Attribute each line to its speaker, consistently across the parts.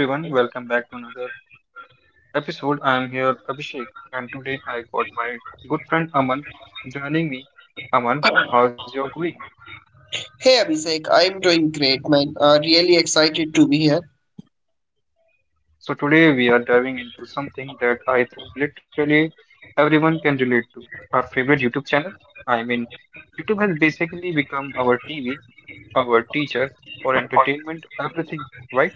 Speaker 1: Hey everyone, welcome back to another episode. I am here, Abhishek, and today I got my good friend Aman joining me. Aman, how's your going?
Speaker 2: Hey Abhishek, I'm doing great, man. Really excited to be here.
Speaker 1: So, today we are diving into something that I think literally everyone can relate to our favorite YouTube channel. I mean, YouTube has basically become our TV, our teacher, for entertainment, everything, right?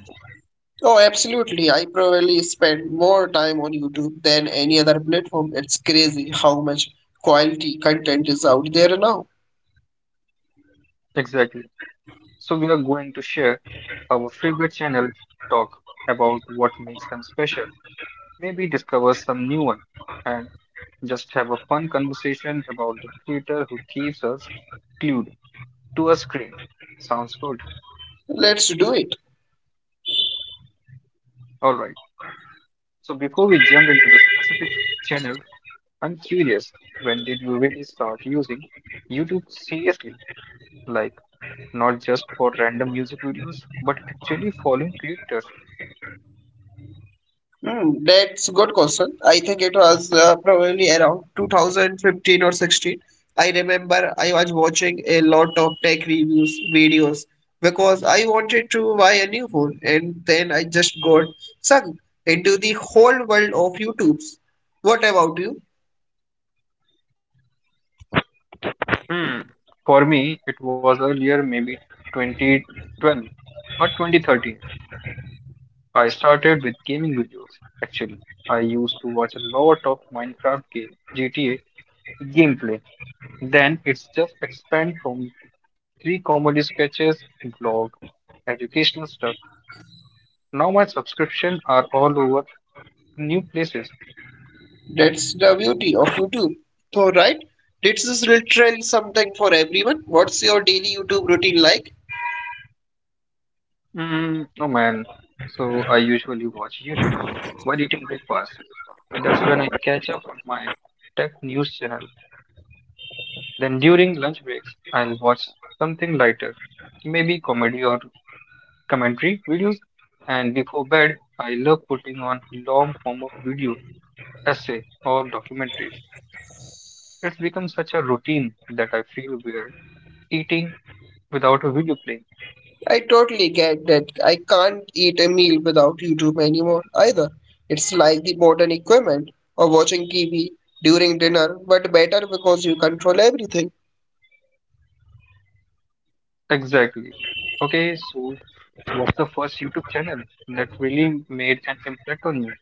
Speaker 2: Oh, absolutely. I probably spend more time on YouTube than any other platform. It's crazy how much quality content is out there now.
Speaker 1: Exactly. So, we are going to share our favorite channel, talk about what makes them special maybe discover some new one, and just have a fun conversation about the creator who keeps us glued to a screen. Sounds good.
Speaker 2: Let's do it.
Speaker 1: All right. So before we jump into the specific channel, I'm curious, when did you really start using YouTube seriously? Like, not just for random music videos, but actually following creators.
Speaker 2: Hmm, that's good question. I think it was probably around 2015 or 16. I remember I was watching a lot of tech reviews videos because I wanted to buy a new phone, and then I just got sucked into the whole world of YouTube's. What about you?
Speaker 1: Hmm. For me, it was earlier, maybe 2012 or 2013. I started with gaming videos. Actually, I used to watch a lot of Minecraft game, GTA gameplay. Then it's just expand from three comedy sketches, blog, educational stuff. Now my subscription are all over new places.
Speaker 2: That's the beauty of YouTube. So, right? This is literally something for everyone. What's your daily YouTube routine like?
Speaker 1: Mm, oh man. So I usually watch YouTube while eating breakfast. That's when I catch up on my tech news channel. Then during lunch breaks, I'll watch something lighter, maybe comedy or commentary videos, and before bed, I love putting on long form of video, essay, or documentaries. It's become such a routine that I feel weird eating without a video playing.
Speaker 2: I totally get that. I can't eat a meal without YouTube anymore either. It's like the modern equipment of watching TV during dinner, but better because you control everything.
Speaker 1: Exactly. Okay, so what's the first YouTube channel that really made an impact on you?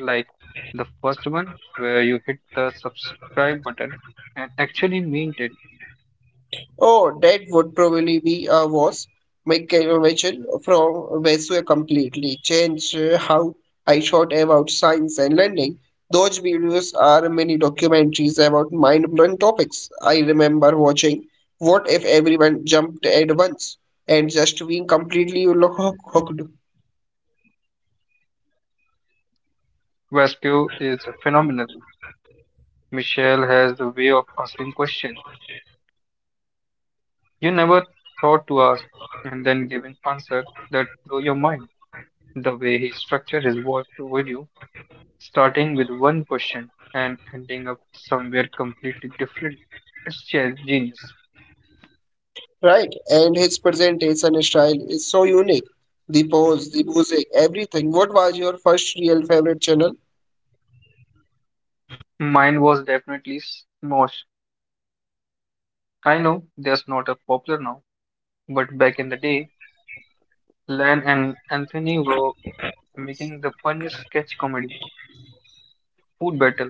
Speaker 1: Like the first one where you hit the subscribe button and actually meant it.
Speaker 2: Oh, that would probably be a was Michael Mitchell from Vesue completely changed how I thought about science and learning. Those videos are mini documentaries about mind-blowing topics. I remember watching What If Everyone Jumped at Once and just being completely hooked,
Speaker 1: Vasco is phenomenal. Michelle has the way of asking questions You never thought to ask, and then giving answer that blow your mind. The way he structured his work video, starting with one question and ending up somewhere completely different, it's genius.
Speaker 2: right? And his presentation style is so unique. The pose, the music, everything. What was your first real favorite channel?
Speaker 1: Mine was definitely smosh. I know that's not a popular now, but back in the day, Lan and Anthony were making the funniest sketch comedy. Food Battle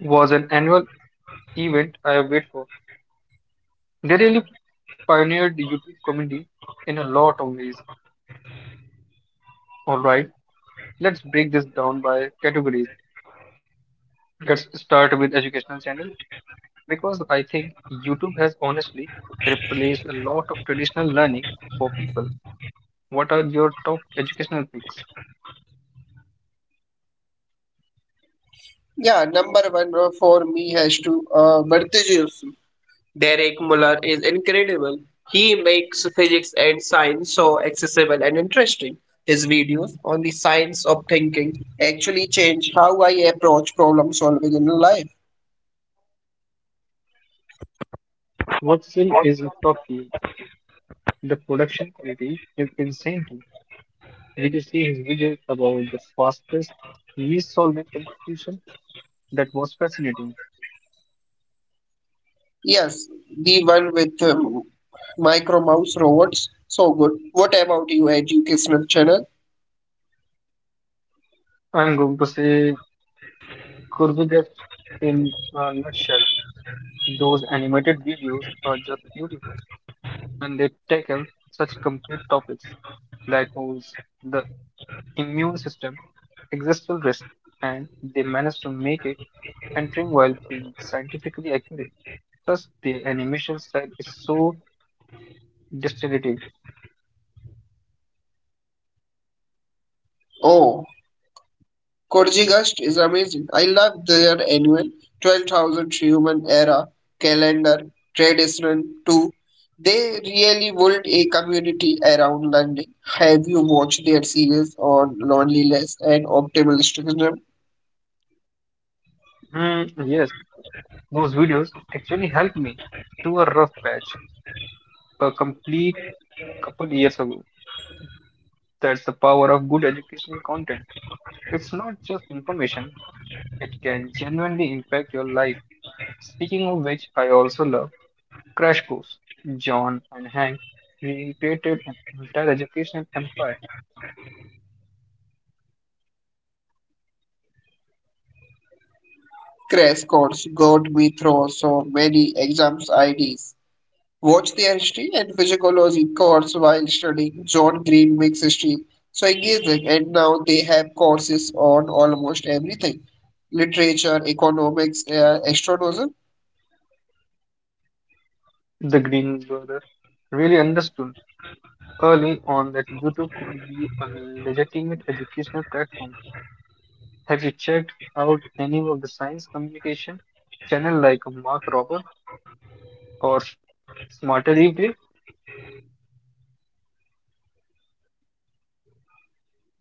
Speaker 1: was an annual event I wait for. They really pioneered YouTube comedy in a lot of ways. All right, let's break this down by categories. Let's start with educational channel because I think YouTube has honestly replaced a lot of traditional learning for people. What are your top educational picks?
Speaker 2: Yeah, number one for me has to Barthes. Derek Muller is incredible. He makes physics and science so accessible and interesting. His videos on the science of thinking actually change how I approach problem solving in life.
Speaker 1: What still is a top tier? The production quality is insane. Too. Did you see his video about the fastest miss solving competition? That was fascinating.
Speaker 2: Yes, the one with micro mouse robots, so good. What about you, educational channel?
Speaker 1: I'm going to say Kurbugap in a nutshell. Those animated videos are just beautiful. And they tackle such complete topics: black holes, the immune system, existential risk, and they manage to make it entering while being scientifically accurate. Plus, the animation style is so distinctive.
Speaker 2: Oh, Korzygast is amazing. I love their annual 12,000 human era calendar tradition too. They really built a community around learning. Have you watched their series on loneliness and optimal optimism?
Speaker 1: Hmm, yes, those videos actually helped me through a rough patch a complete couple years ago. That's the power of good educational content. It's not just information, it can genuinely impact your life. Speaking of which, I also love Crash Course. John and Hank recreated an entire education empire.
Speaker 2: Crash course got me through so many exams IDs. Watch their history and physiology course while studying John Greenwick's history. So engaging, and now they have courses on almost everything, literature, economics, astronomy.
Speaker 1: The Green brothers really understood early on that YouTube could be a legitimate educational platform. Have you checked out any of the science communication channel like Mark Robert or Smarter Everyday?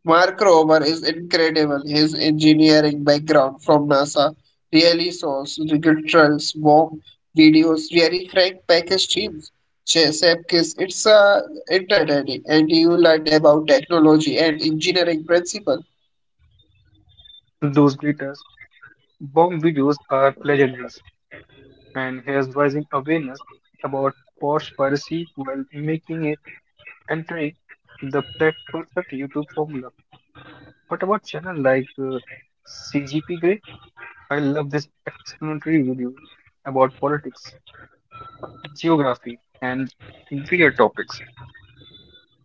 Speaker 2: Mark Rober is incredible. His engineering background from NASA really shows rigorous warm videos, very frank package teams. Chefkis, it's entertaining, and you learn about technology and engineering principles.
Speaker 1: Those glitters bomb videos are legendaries, and he is raising awareness about post piracy while making entering the perfect YouTube formula. What about channel like CGP Grey? I love this explanatory video about politics, geography, and weird topics.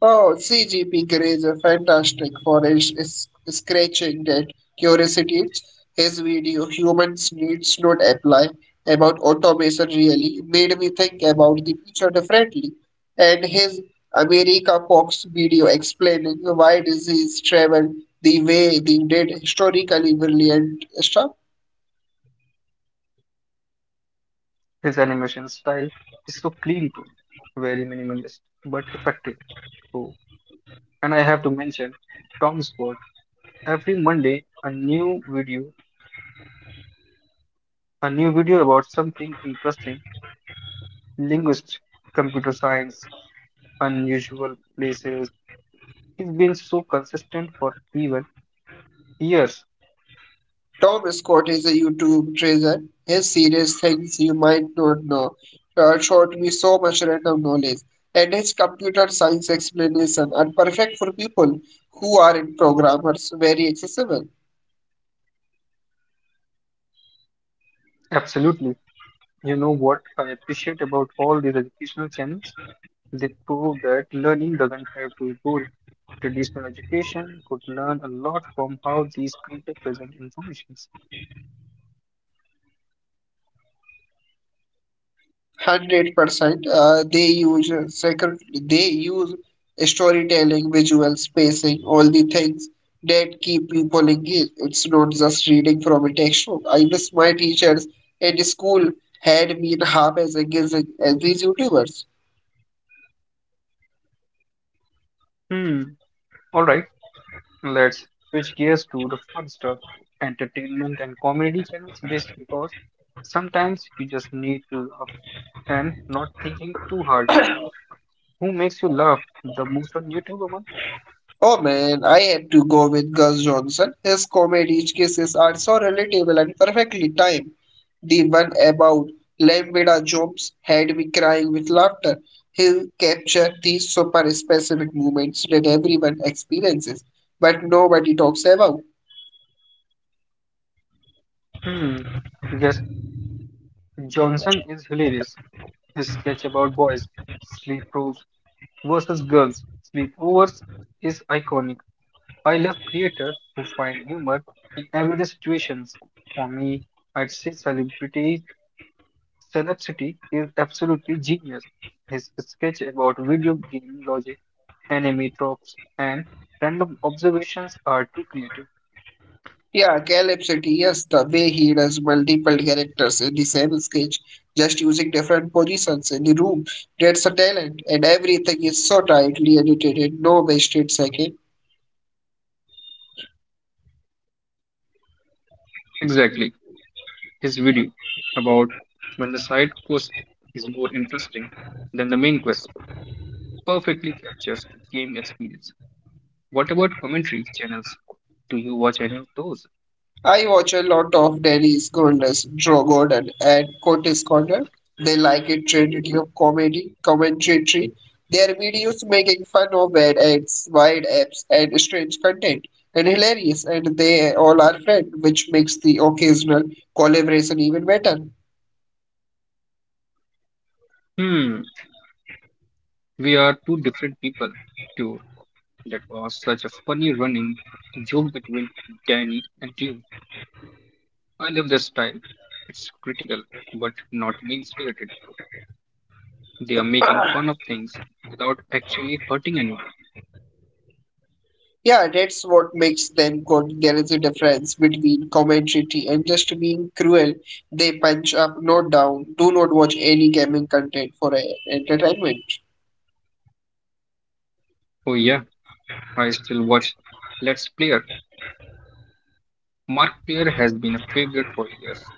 Speaker 2: Oh, CGP Grey is a fantastic for is scratching that curiosity. His video, Humans Needs Not Apply, about automation really made me think about the future differently. And his America Fox video explaining why disease traveled the way they did historically brilliant stuff.
Speaker 1: His animation style is so clean too, very minimalist but effective. Oh, and I have to mention Tom Sport. Every Monday, a new video about something interesting: linguistics, computer science, unusual places He's been so consistent for even years.
Speaker 2: Tom Scott is a YouTube treasure. His series Things You Might Not Know showed me so much random knowledge, and his computer science explanation are perfect for people who aren't programmers, very accessible.
Speaker 1: Absolutely. You know what I appreciate about all these educational channels? They prove that learning doesn't have to be boring. Traditional education could learn a lot from how these creators present informations.
Speaker 2: 100%. They use sacred. They use storytelling, visual spacing, all the things that keep people engaged. It's not just reading from a textbook. I wish my teachers at school had been half as engaging as these YouTubers.
Speaker 1: Hmm. All right. Let's switch gears to the fun stuff, entertainment and comedy channels, based because sometimes you just need to laugh and not thinking too hard. Who makes you laugh the most on YouTube, Aman?
Speaker 2: Oh man, I have to go with Gus Johnson. His comedy sketches are so relatable and perfectly timed. The one about Lambda Jobs had me crying with laughter. He'll capture these super specific moments that everyone experiences, but nobody talks about.
Speaker 1: Hmm. Yes, Johnson is hilarious. His sketch about boys, sleep rules versus girls, sleepovers is iconic. I love creators who find humor in everyday situations. For me, I'd say celebrity Celebrity is absolutely genius. His sketch about video game logic, anime tropes, and random observations are too creative.
Speaker 2: Yeah, Caleb City, yes, the way he does multiple characters in the same sketch, just using different positions in the room, that's a talent, and everything is so tightly edited, in no wasted second.
Speaker 1: Exactly. his video about when the side quest is more interesting than the main quest perfectly captures the game experience. What about commentary channels? Do you watch any of those?
Speaker 2: I watch a lot of Dennis Goldless, Joe Gordon, and Curtis Conner. They like a trinity of comedy, commentary. Their videos making fun of bad ads, wide apps, and strange content, and hilarious. And they all are friends, which makes the occasional collaboration even better.
Speaker 1: Hmm, we are two different people. Dude, that was such a funny running joke between Danny and you. I love their style. It's critical, but not mean spirited. They are making fun of things without actually hurting anyone.
Speaker 2: Yeah, that's what makes them good. There is a difference between commentary and just being cruel. They punch up, not down. Do not watch any gaming content for entertainment.
Speaker 1: Oh, yeah. I still watch Let's Player. Mark Player has been a favorite for years.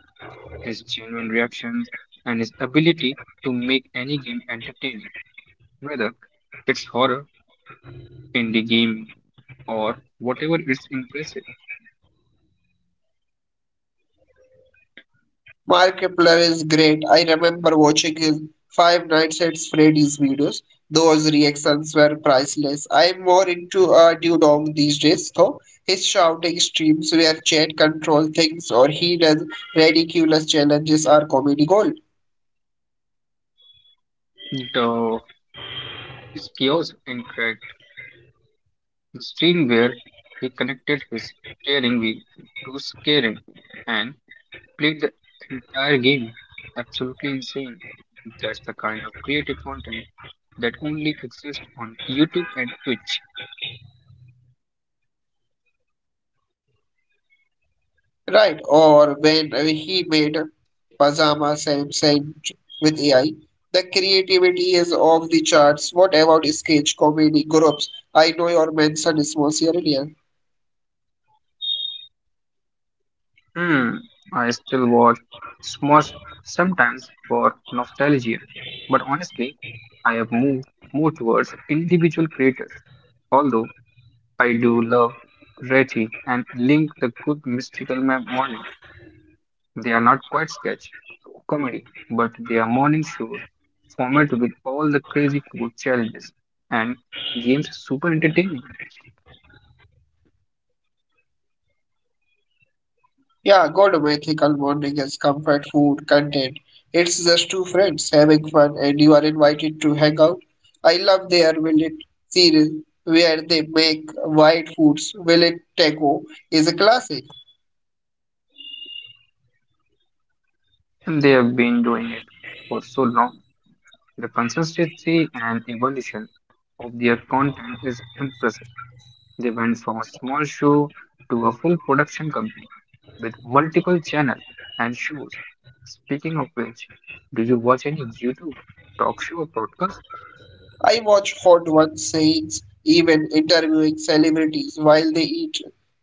Speaker 1: His genuine reactions and his ability to make any game entertaining, whether it's horror, indie gaming, or whatever is impressive.
Speaker 2: Mark Epler is great. I remember watching his Five Nights at Freddy's videos. Those reactions were priceless. I'm more into Dudong these days, though. His shouting streams where chat control things or he does ridiculous challenges are comedy gold.
Speaker 1: The is chaos and steering where he connected his steering wheel to steering and played the entire game. Absolutely insane. That's the kind of creative content that only exists on YouTube and Twitch.
Speaker 2: Right, or when he made Pajama Sam Sand with AI. The creativity is off the charts. What about sketch comedy groups? I know your mention is most earlier.
Speaker 1: Hmm, I still watch Smosh sometimes for nostalgia, but honestly, I have moved more towards individual creators. Although I do love Reti and Link the Good Mystical Morning. They are not quite sketch comedy, but they are morning shows format with all the crazy cool challenges and games super entertaining.
Speaker 2: Yeah, golden ethical bonding is comfort food content. It's just two friends having fun and you are invited to hang out. I love their millet series where they make white foods. Millet taco is a classic.
Speaker 1: And they have been doing it for so long. The consistency and evolution of their content is impressive. They went from a small show to a full production company with multiple channels and shows. Speaking of which, do you watch any YouTube talk show or podcast?
Speaker 2: I watch hot ones sayings, even interviewing celebrities while they eat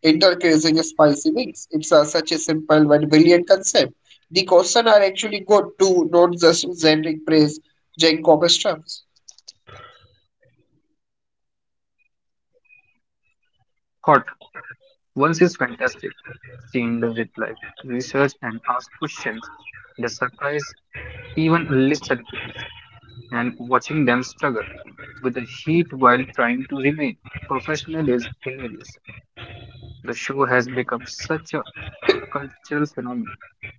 Speaker 2: intercrossing spicy wings. Such a simple but brilliant concept. The questions are actually good too, not just generic praise, Jenkob stuffs.
Speaker 1: Hot Once is fantastic. Seeing the reply, research and ask questions. The surprise even list celebrities and watching them struggle with the heat while trying to remain professional is hilarious. The show has become such a cultural phenomenon. Too big.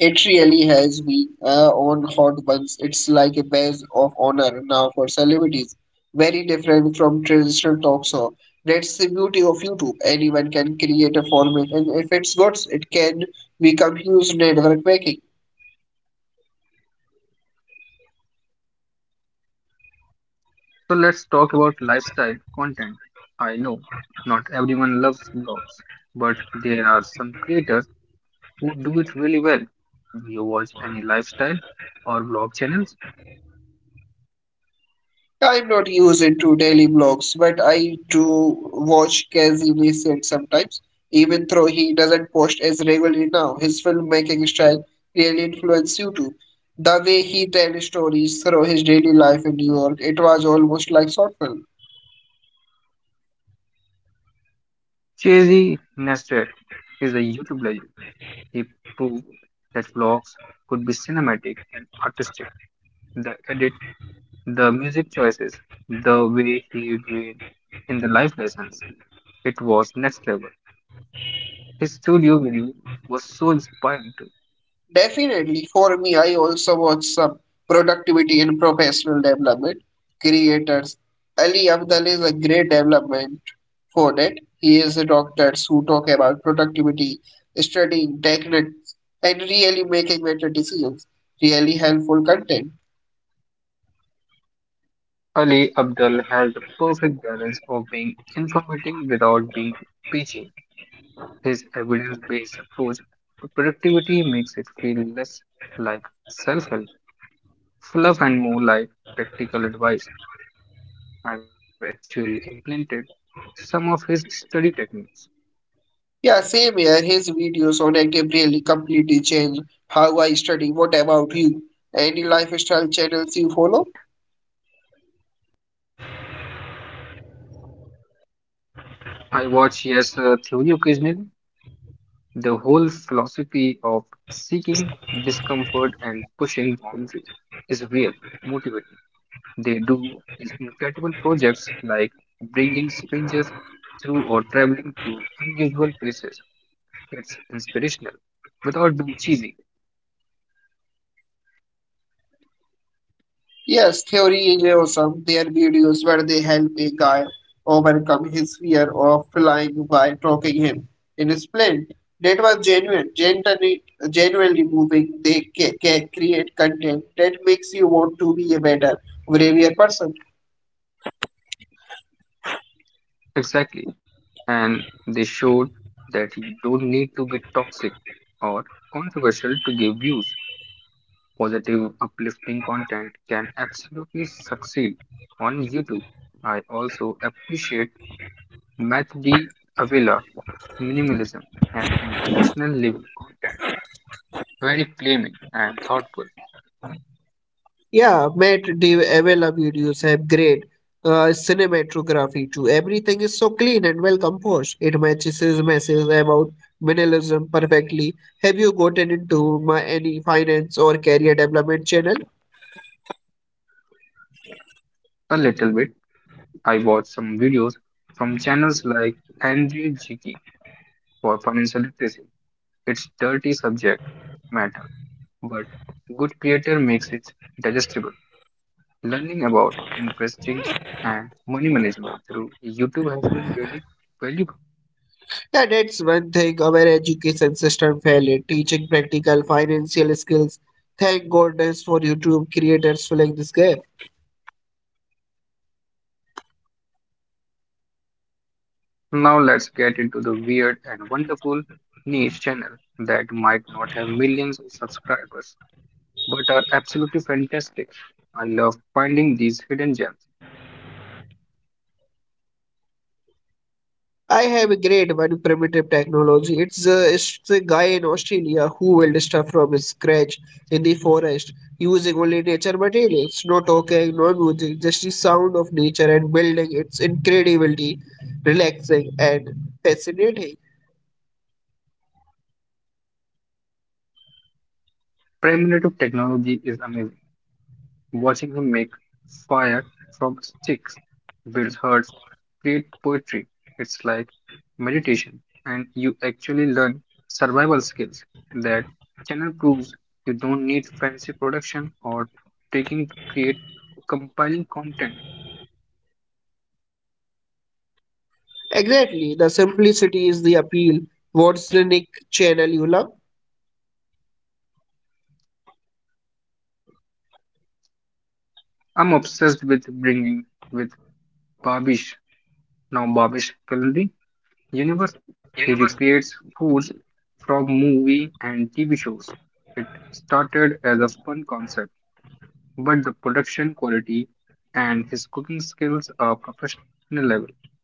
Speaker 2: It really has been on hot buns. It's like a badge of honor now for celebrities. Very different from traditional talk show. That's the beauty of YouTube. Anyone can create a format, and if it's good, it can become huge network making.
Speaker 1: So let's talk about lifestyle content. I know not everyone loves blogs, but there are some creators who do it really well. Do you watch any lifestyle or blog channels?
Speaker 2: I'm not used into daily blogs, but I do watch Casey Neistat sometimes, even though he doesn't post as regularly now. His filmmaking style really influenced YouTube. The way he tells stories through his daily life in New York, it was almost like short film.
Speaker 1: Chazzy Neistat is a YouTube legend. He proved that vlogs could be cinematic and artistic. The edit, the music choices, the way he did in the life lessons, it was next level. His studio video was so inspiring too.
Speaker 2: Definitely. For me, I also watch some productivity and professional development creators. Ali Abdal is a great development for that. He is a doctor who talk about productivity, studying techniques, and really making better decisions. Really helpful content.
Speaker 1: Ali Abdul had the perfect balance of being informative without being preachy. His evidence based approach to productivity makes it feel less like self help Fluff and more like practical advice. I've actually implemented some of his study techniques.
Speaker 2: Yeah, same here. His videos on active really completely change how I study. What about you? Any lifestyle channels you follow?
Speaker 1: I watch Yes Theory occasionally. The whole philosophy of seeking discomfort and pushing boundaries is real motivating. They do these incredible projects like bringing strangers through or traveling to unusual places. It's inspirational without being cheesy.
Speaker 2: Yes, theory theoryism, their videos where they help a guy overcome his fear of flying by talking him in his plane. That was genuine, genuinely moving. They create content that makes you want to be a better, braver person.
Speaker 1: Exactly. and they showed that you don't need to be toxic or controversial to give views. Positive, uplifting content can absolutely succeed on YouTube. I also appreciate Matt D. Avila minimalism and international living content. Very claiming and thoughtful.
Speaker 2: Yeah, Matt the Avella videos have great cinematography too. Everything is so clean and well composed. It matches his message about minimalism perfectly. Have you gotten into any finance or career development channel?
Speaker 1: A little bit, I watch some videos from channels like Andrew Jiki for financial literacy. It's dirty subject matter but good creator makes it digestible. Learning about investing and money management through YouTube has been really valuable.
Speaker 2: Yeah, that's one thing our education system failed in, teaching practical financial skills. Thank goodness for YouTube creators filling this gap.
Speaker 1: Now let's get into the weird and wonderful niche channel that might not have millions of subscribers but are absolutely fantastic. I love finding these hidden gems.
Speaker 2: I have a great one, primitive technology. It's a guy in Australia who will stuff from scratch in the forest using only nature materials, no talking, no music, just the sound of nature and building. It's incredibly relaxing and fascinating.
Speaker 1: Primitive technology is amazing. Watching him make fire from sticks, build huts, create poetry, it's like meditation, and you actually learn survival skills. That channel proves you don't need fancy production or taking to create compiling content.
Speaker 2: Exactly, the simplicity is the appeal. What's the Nick channel you love?
Speaker 1: I'm obsessed with bringing with Babish, now Babish Kalindi Universe. He recreates foods from movie and TV shows. It started as a fun concept but the production quality and his cooking skills are professional level.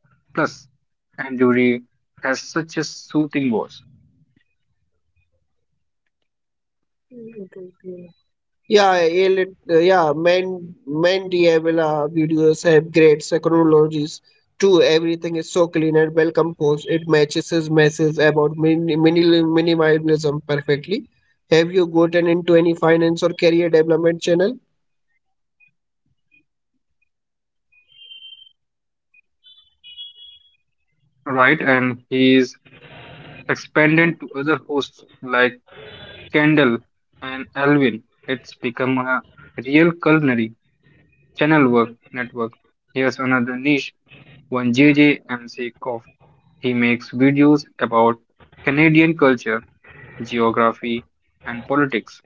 Speaker 1: Plus, Anduri has such a soothing voice,
Speaker 2: Yeah, elite, yeah, main Diabella videos have great technologies too. Everything is so clean and well composed. It matches his message about minimalism perfectly. Have you gotten into any finance or career development channel?
Speaker 1: right? And he is expanded to other hosts like Kendall and Alvin. It's become a real culinary channel work network. Here's another niche one JJMC. MC Koff. He makes videos about Canadian culture geography, and politics.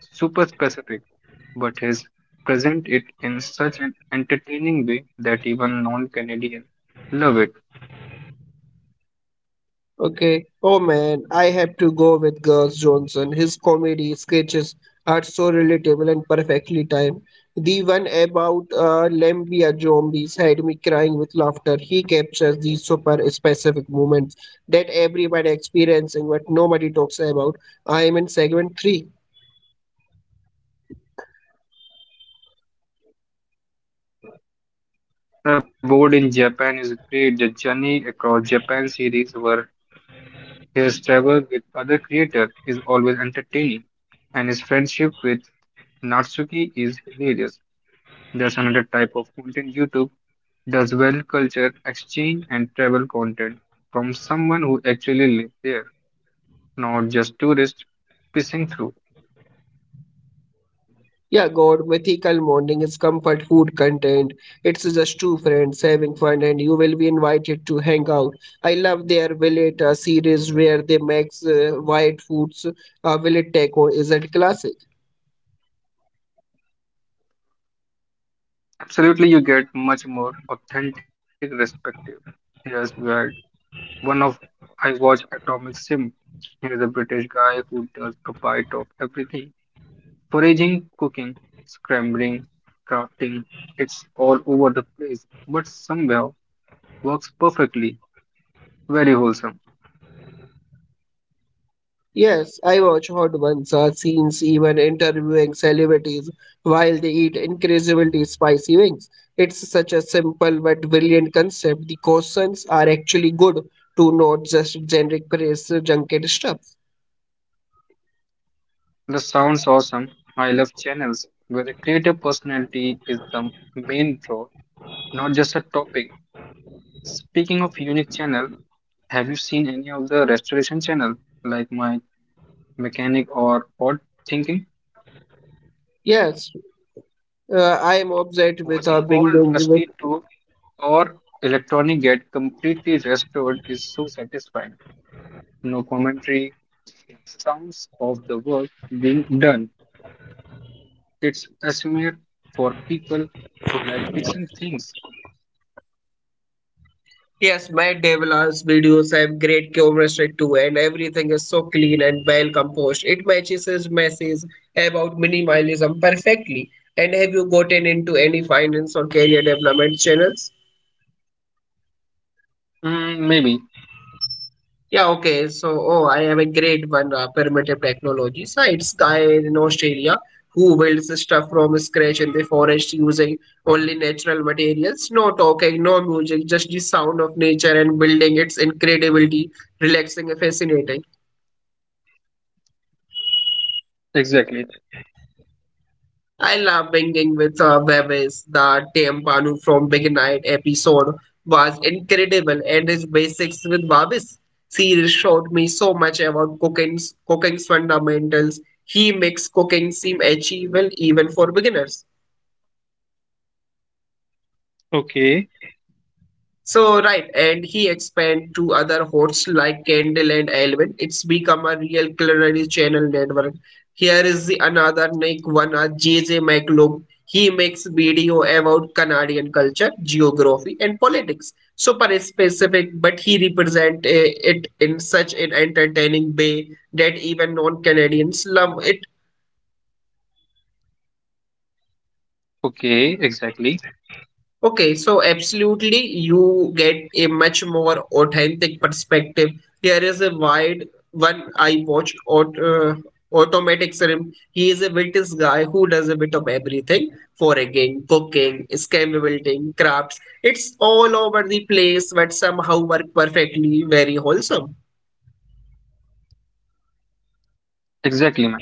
Speaker 1: Super specific, but he's present it in such an entertaining way that even non Canadians love it.
Speaker 2: Okay. Oh man, I have to go with Gus Johnson. His comedy sketches are so relatable and perfectly timed. The one about Lambia zombies had me crying with laughter. He captures these super specific moments that everybody experiencing but nobody talks about. I am in segment 3.
Speaker 1: The board in Japan is great. The Journey Across Japan series, where his travel with other creators, is always entertaining, and his friendship with Natsuki is hilarious. There's another type of content YouTube does well culture exchange and travel content from someone who actually lives there. Not just tourists pissing through.
Speaker 2: Yeah, God, mythical morning is comfort food content. It's just two friends having fun, and you will be invited to hang out. I love their Village series where they make white foods. Village Taco is a classic.
Speaker 1: Absolutely, you get much more authentic perspective. Here's where one of I watch Atomic Sim. Here's a British guy who does a bite of everything: foraging, cooking, scrambling, crafting. It's all over the place, but somehow works perfectly. Very wholesome.
Speaker 2: Yes, I watch hot ones, scenes, even interviewing celebrities while they eat incredibly spicy wings. It's such a simple but brilliant concept. The questions are actually good to, not just generic press junket stuff.
Speaker 1: The sounds awesome. I love channels where the creative personality is the main draw not just a topic. Speaking of unique channel, have you seen any of the restoration channel like my mechanic or pod thinking?
Speaker 2: Yes, I am obsessed with
Speaker 1: Watching old
Speaker 2: Bing Bing.
Speaker 1: rusty tool or electronic get completely restored is so satisfying. No commentary, just sounds of the work being done. It's a smear for people who like fixing things.
Speaker 2: Yes, my Devilas videos have great chemistry too, and everything is so clean and well composed. It matches his message about minimalism perfectly. And have you gotten into any finance or career development channels?
Speaker 1: Mm, maybe
Speaker 2: Yeah, okay. So, oh, I have a great one, primitive technology. So it's guy in Australia who builds the stuff from scratch in the forest using only natural materials. No talking, no music, just the sound of nature and building. It's incredibility, relaxing, and fascinating.
Speaker 1: exactly.
Speaker 2: I love binging with Bevis. The Tempanu from Big Night episode was incredible, and his basics with Babis series showed me so much about cooking's fundamentals. He makes cooking seem achievable even for beginners.
Speaker 1: Okay,
Speaker 2: So right, and he expand to other hosts like Candle and Elvin. It's become a real culinary channel network. Here is the another Nick one, JJ McLoom. He makes video about Canadian culture, geography, and politics. Super specific, but he represent it in such an entertaining way that even non-Canadians love it.
Speaker 1: okay, exactly,
Speaker 2: Okay, so absolutely, you get a much more authentic perspective. Here is a wide one I watched Automatic Serum. He is a British guy who does a bit of everything, foraging, cooking, scam building, crafts. It's all over the place, but somehow work perfectly, very wholesome.
Speaker 1: exactly, man.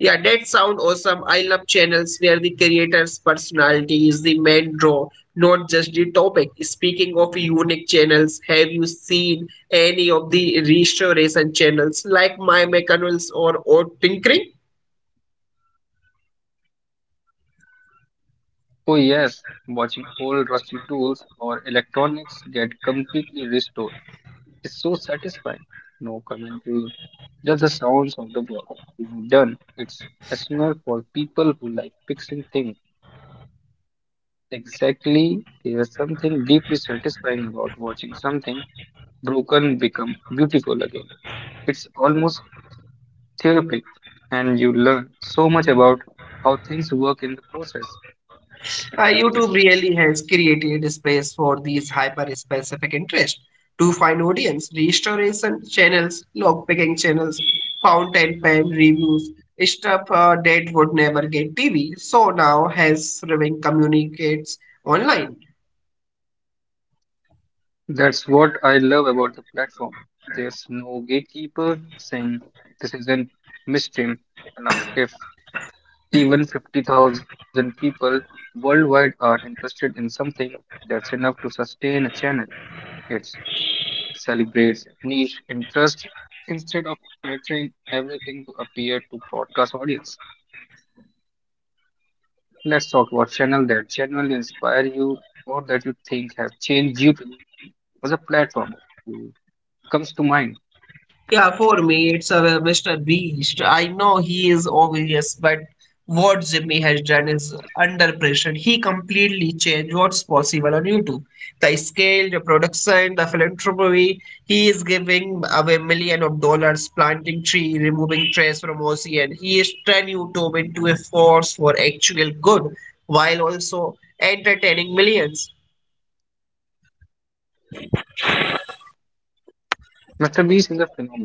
Speaker 2: Yeah, that sound awesome. I love channels where the creator's personality is the main draw, not just the topic. Speaking of unique channels, have you seen any of the restoration channels like My Mechanicals or Odd Tinkering?
Speaker 1: Oh, yes, watching old rusty tools or electronics get completely restored is so satisfying. No commentary, just the sounds of the work being done. It's essential for people who like fixing things. Exactly, there's something deeply satisfying about watching something broken become beautiful again. It's almost therapeutic, and you learn so much about how things work in the process.
Speaker 2: YouTube really has created space for these hyper-specific interests to find audience, restoration channels, lockpicking channels, fountain pen reviews, stuff that would never get TV. So now has Raving communicates online.
Speaker 1: That's what I love about the platform. There's no gatekeeper saying this is an mainstream enough. If even 50,000 people worldwide are interested in something, that's enough to sustain a channel. It celebrates niche interest instead of filtering everything to appear to broadcast audience. Let's talk about channel that genuinely inspire you or that you think have changed you to as a platform. Who comes to mind?
Speaker 2: Yeah, for me, it's a Mr. Beast. I know he is obvious, but what Jimmy has done is under pressure. He completely changed what's possible on YouTube. The scale, the production, the philanthropy. He is giving away million of dollars, planting tree, removing trash from ocean. He is turning YouTube into a force for actual good, while also entertaining millions.
Speaker 1: Mr. Beast is a phenomenon.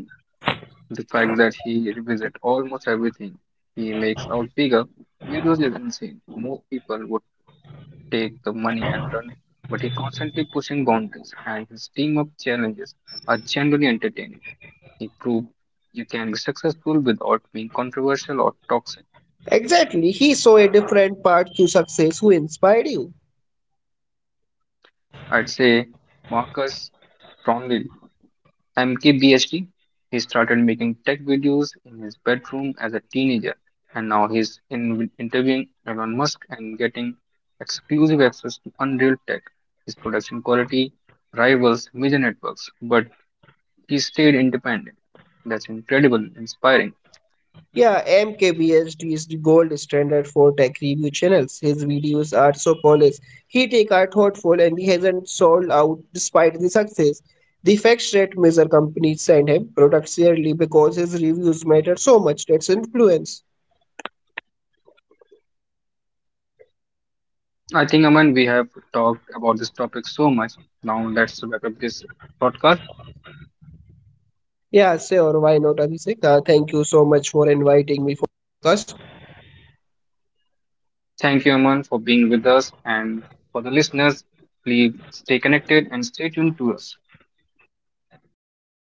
Speaker 1: The fact that he revisit almost everything he makes out bigger, videos is insane. More people would take the money and run, but he constantly pushing boundaries and his team up challenges are genuinely entertaining. He proved you can be successful without being controversial or toxic.
Speaker 2: Exactly, he saw a different path to success. Who inspired you?
Speaker 1: I'd say Marcus Brownlee MKBHD. He started making tech videos in his bedroom as a teenager, and now he's in interviewing Elon Musk and getting exclusive access to Unreal Tech. His production quality rivals major networks, but he stayed independent. That's incredible, inspiring.
Speaker 2: Yeah, MKBHD is the gold standard for tech review channels. His videos are so polished. He take are thoughtful and he hasn't sold out despite the success. The fact rate measure companies send him products yearly because his reviews matter so much. That's influence.
Speaker 1: I think, Aman, we have talked about this topic so much. Now let's wrap up this podcast.
Speaker 2: Yeah, sure. Why not, Abhishek? Thank you so much for inviting me for podcast.
Speaker 1: Thank you, Aman, for being with us, and for the listeners, please stay connected and stay tuned to us.
Speaker 2: Yeah, thank you so much.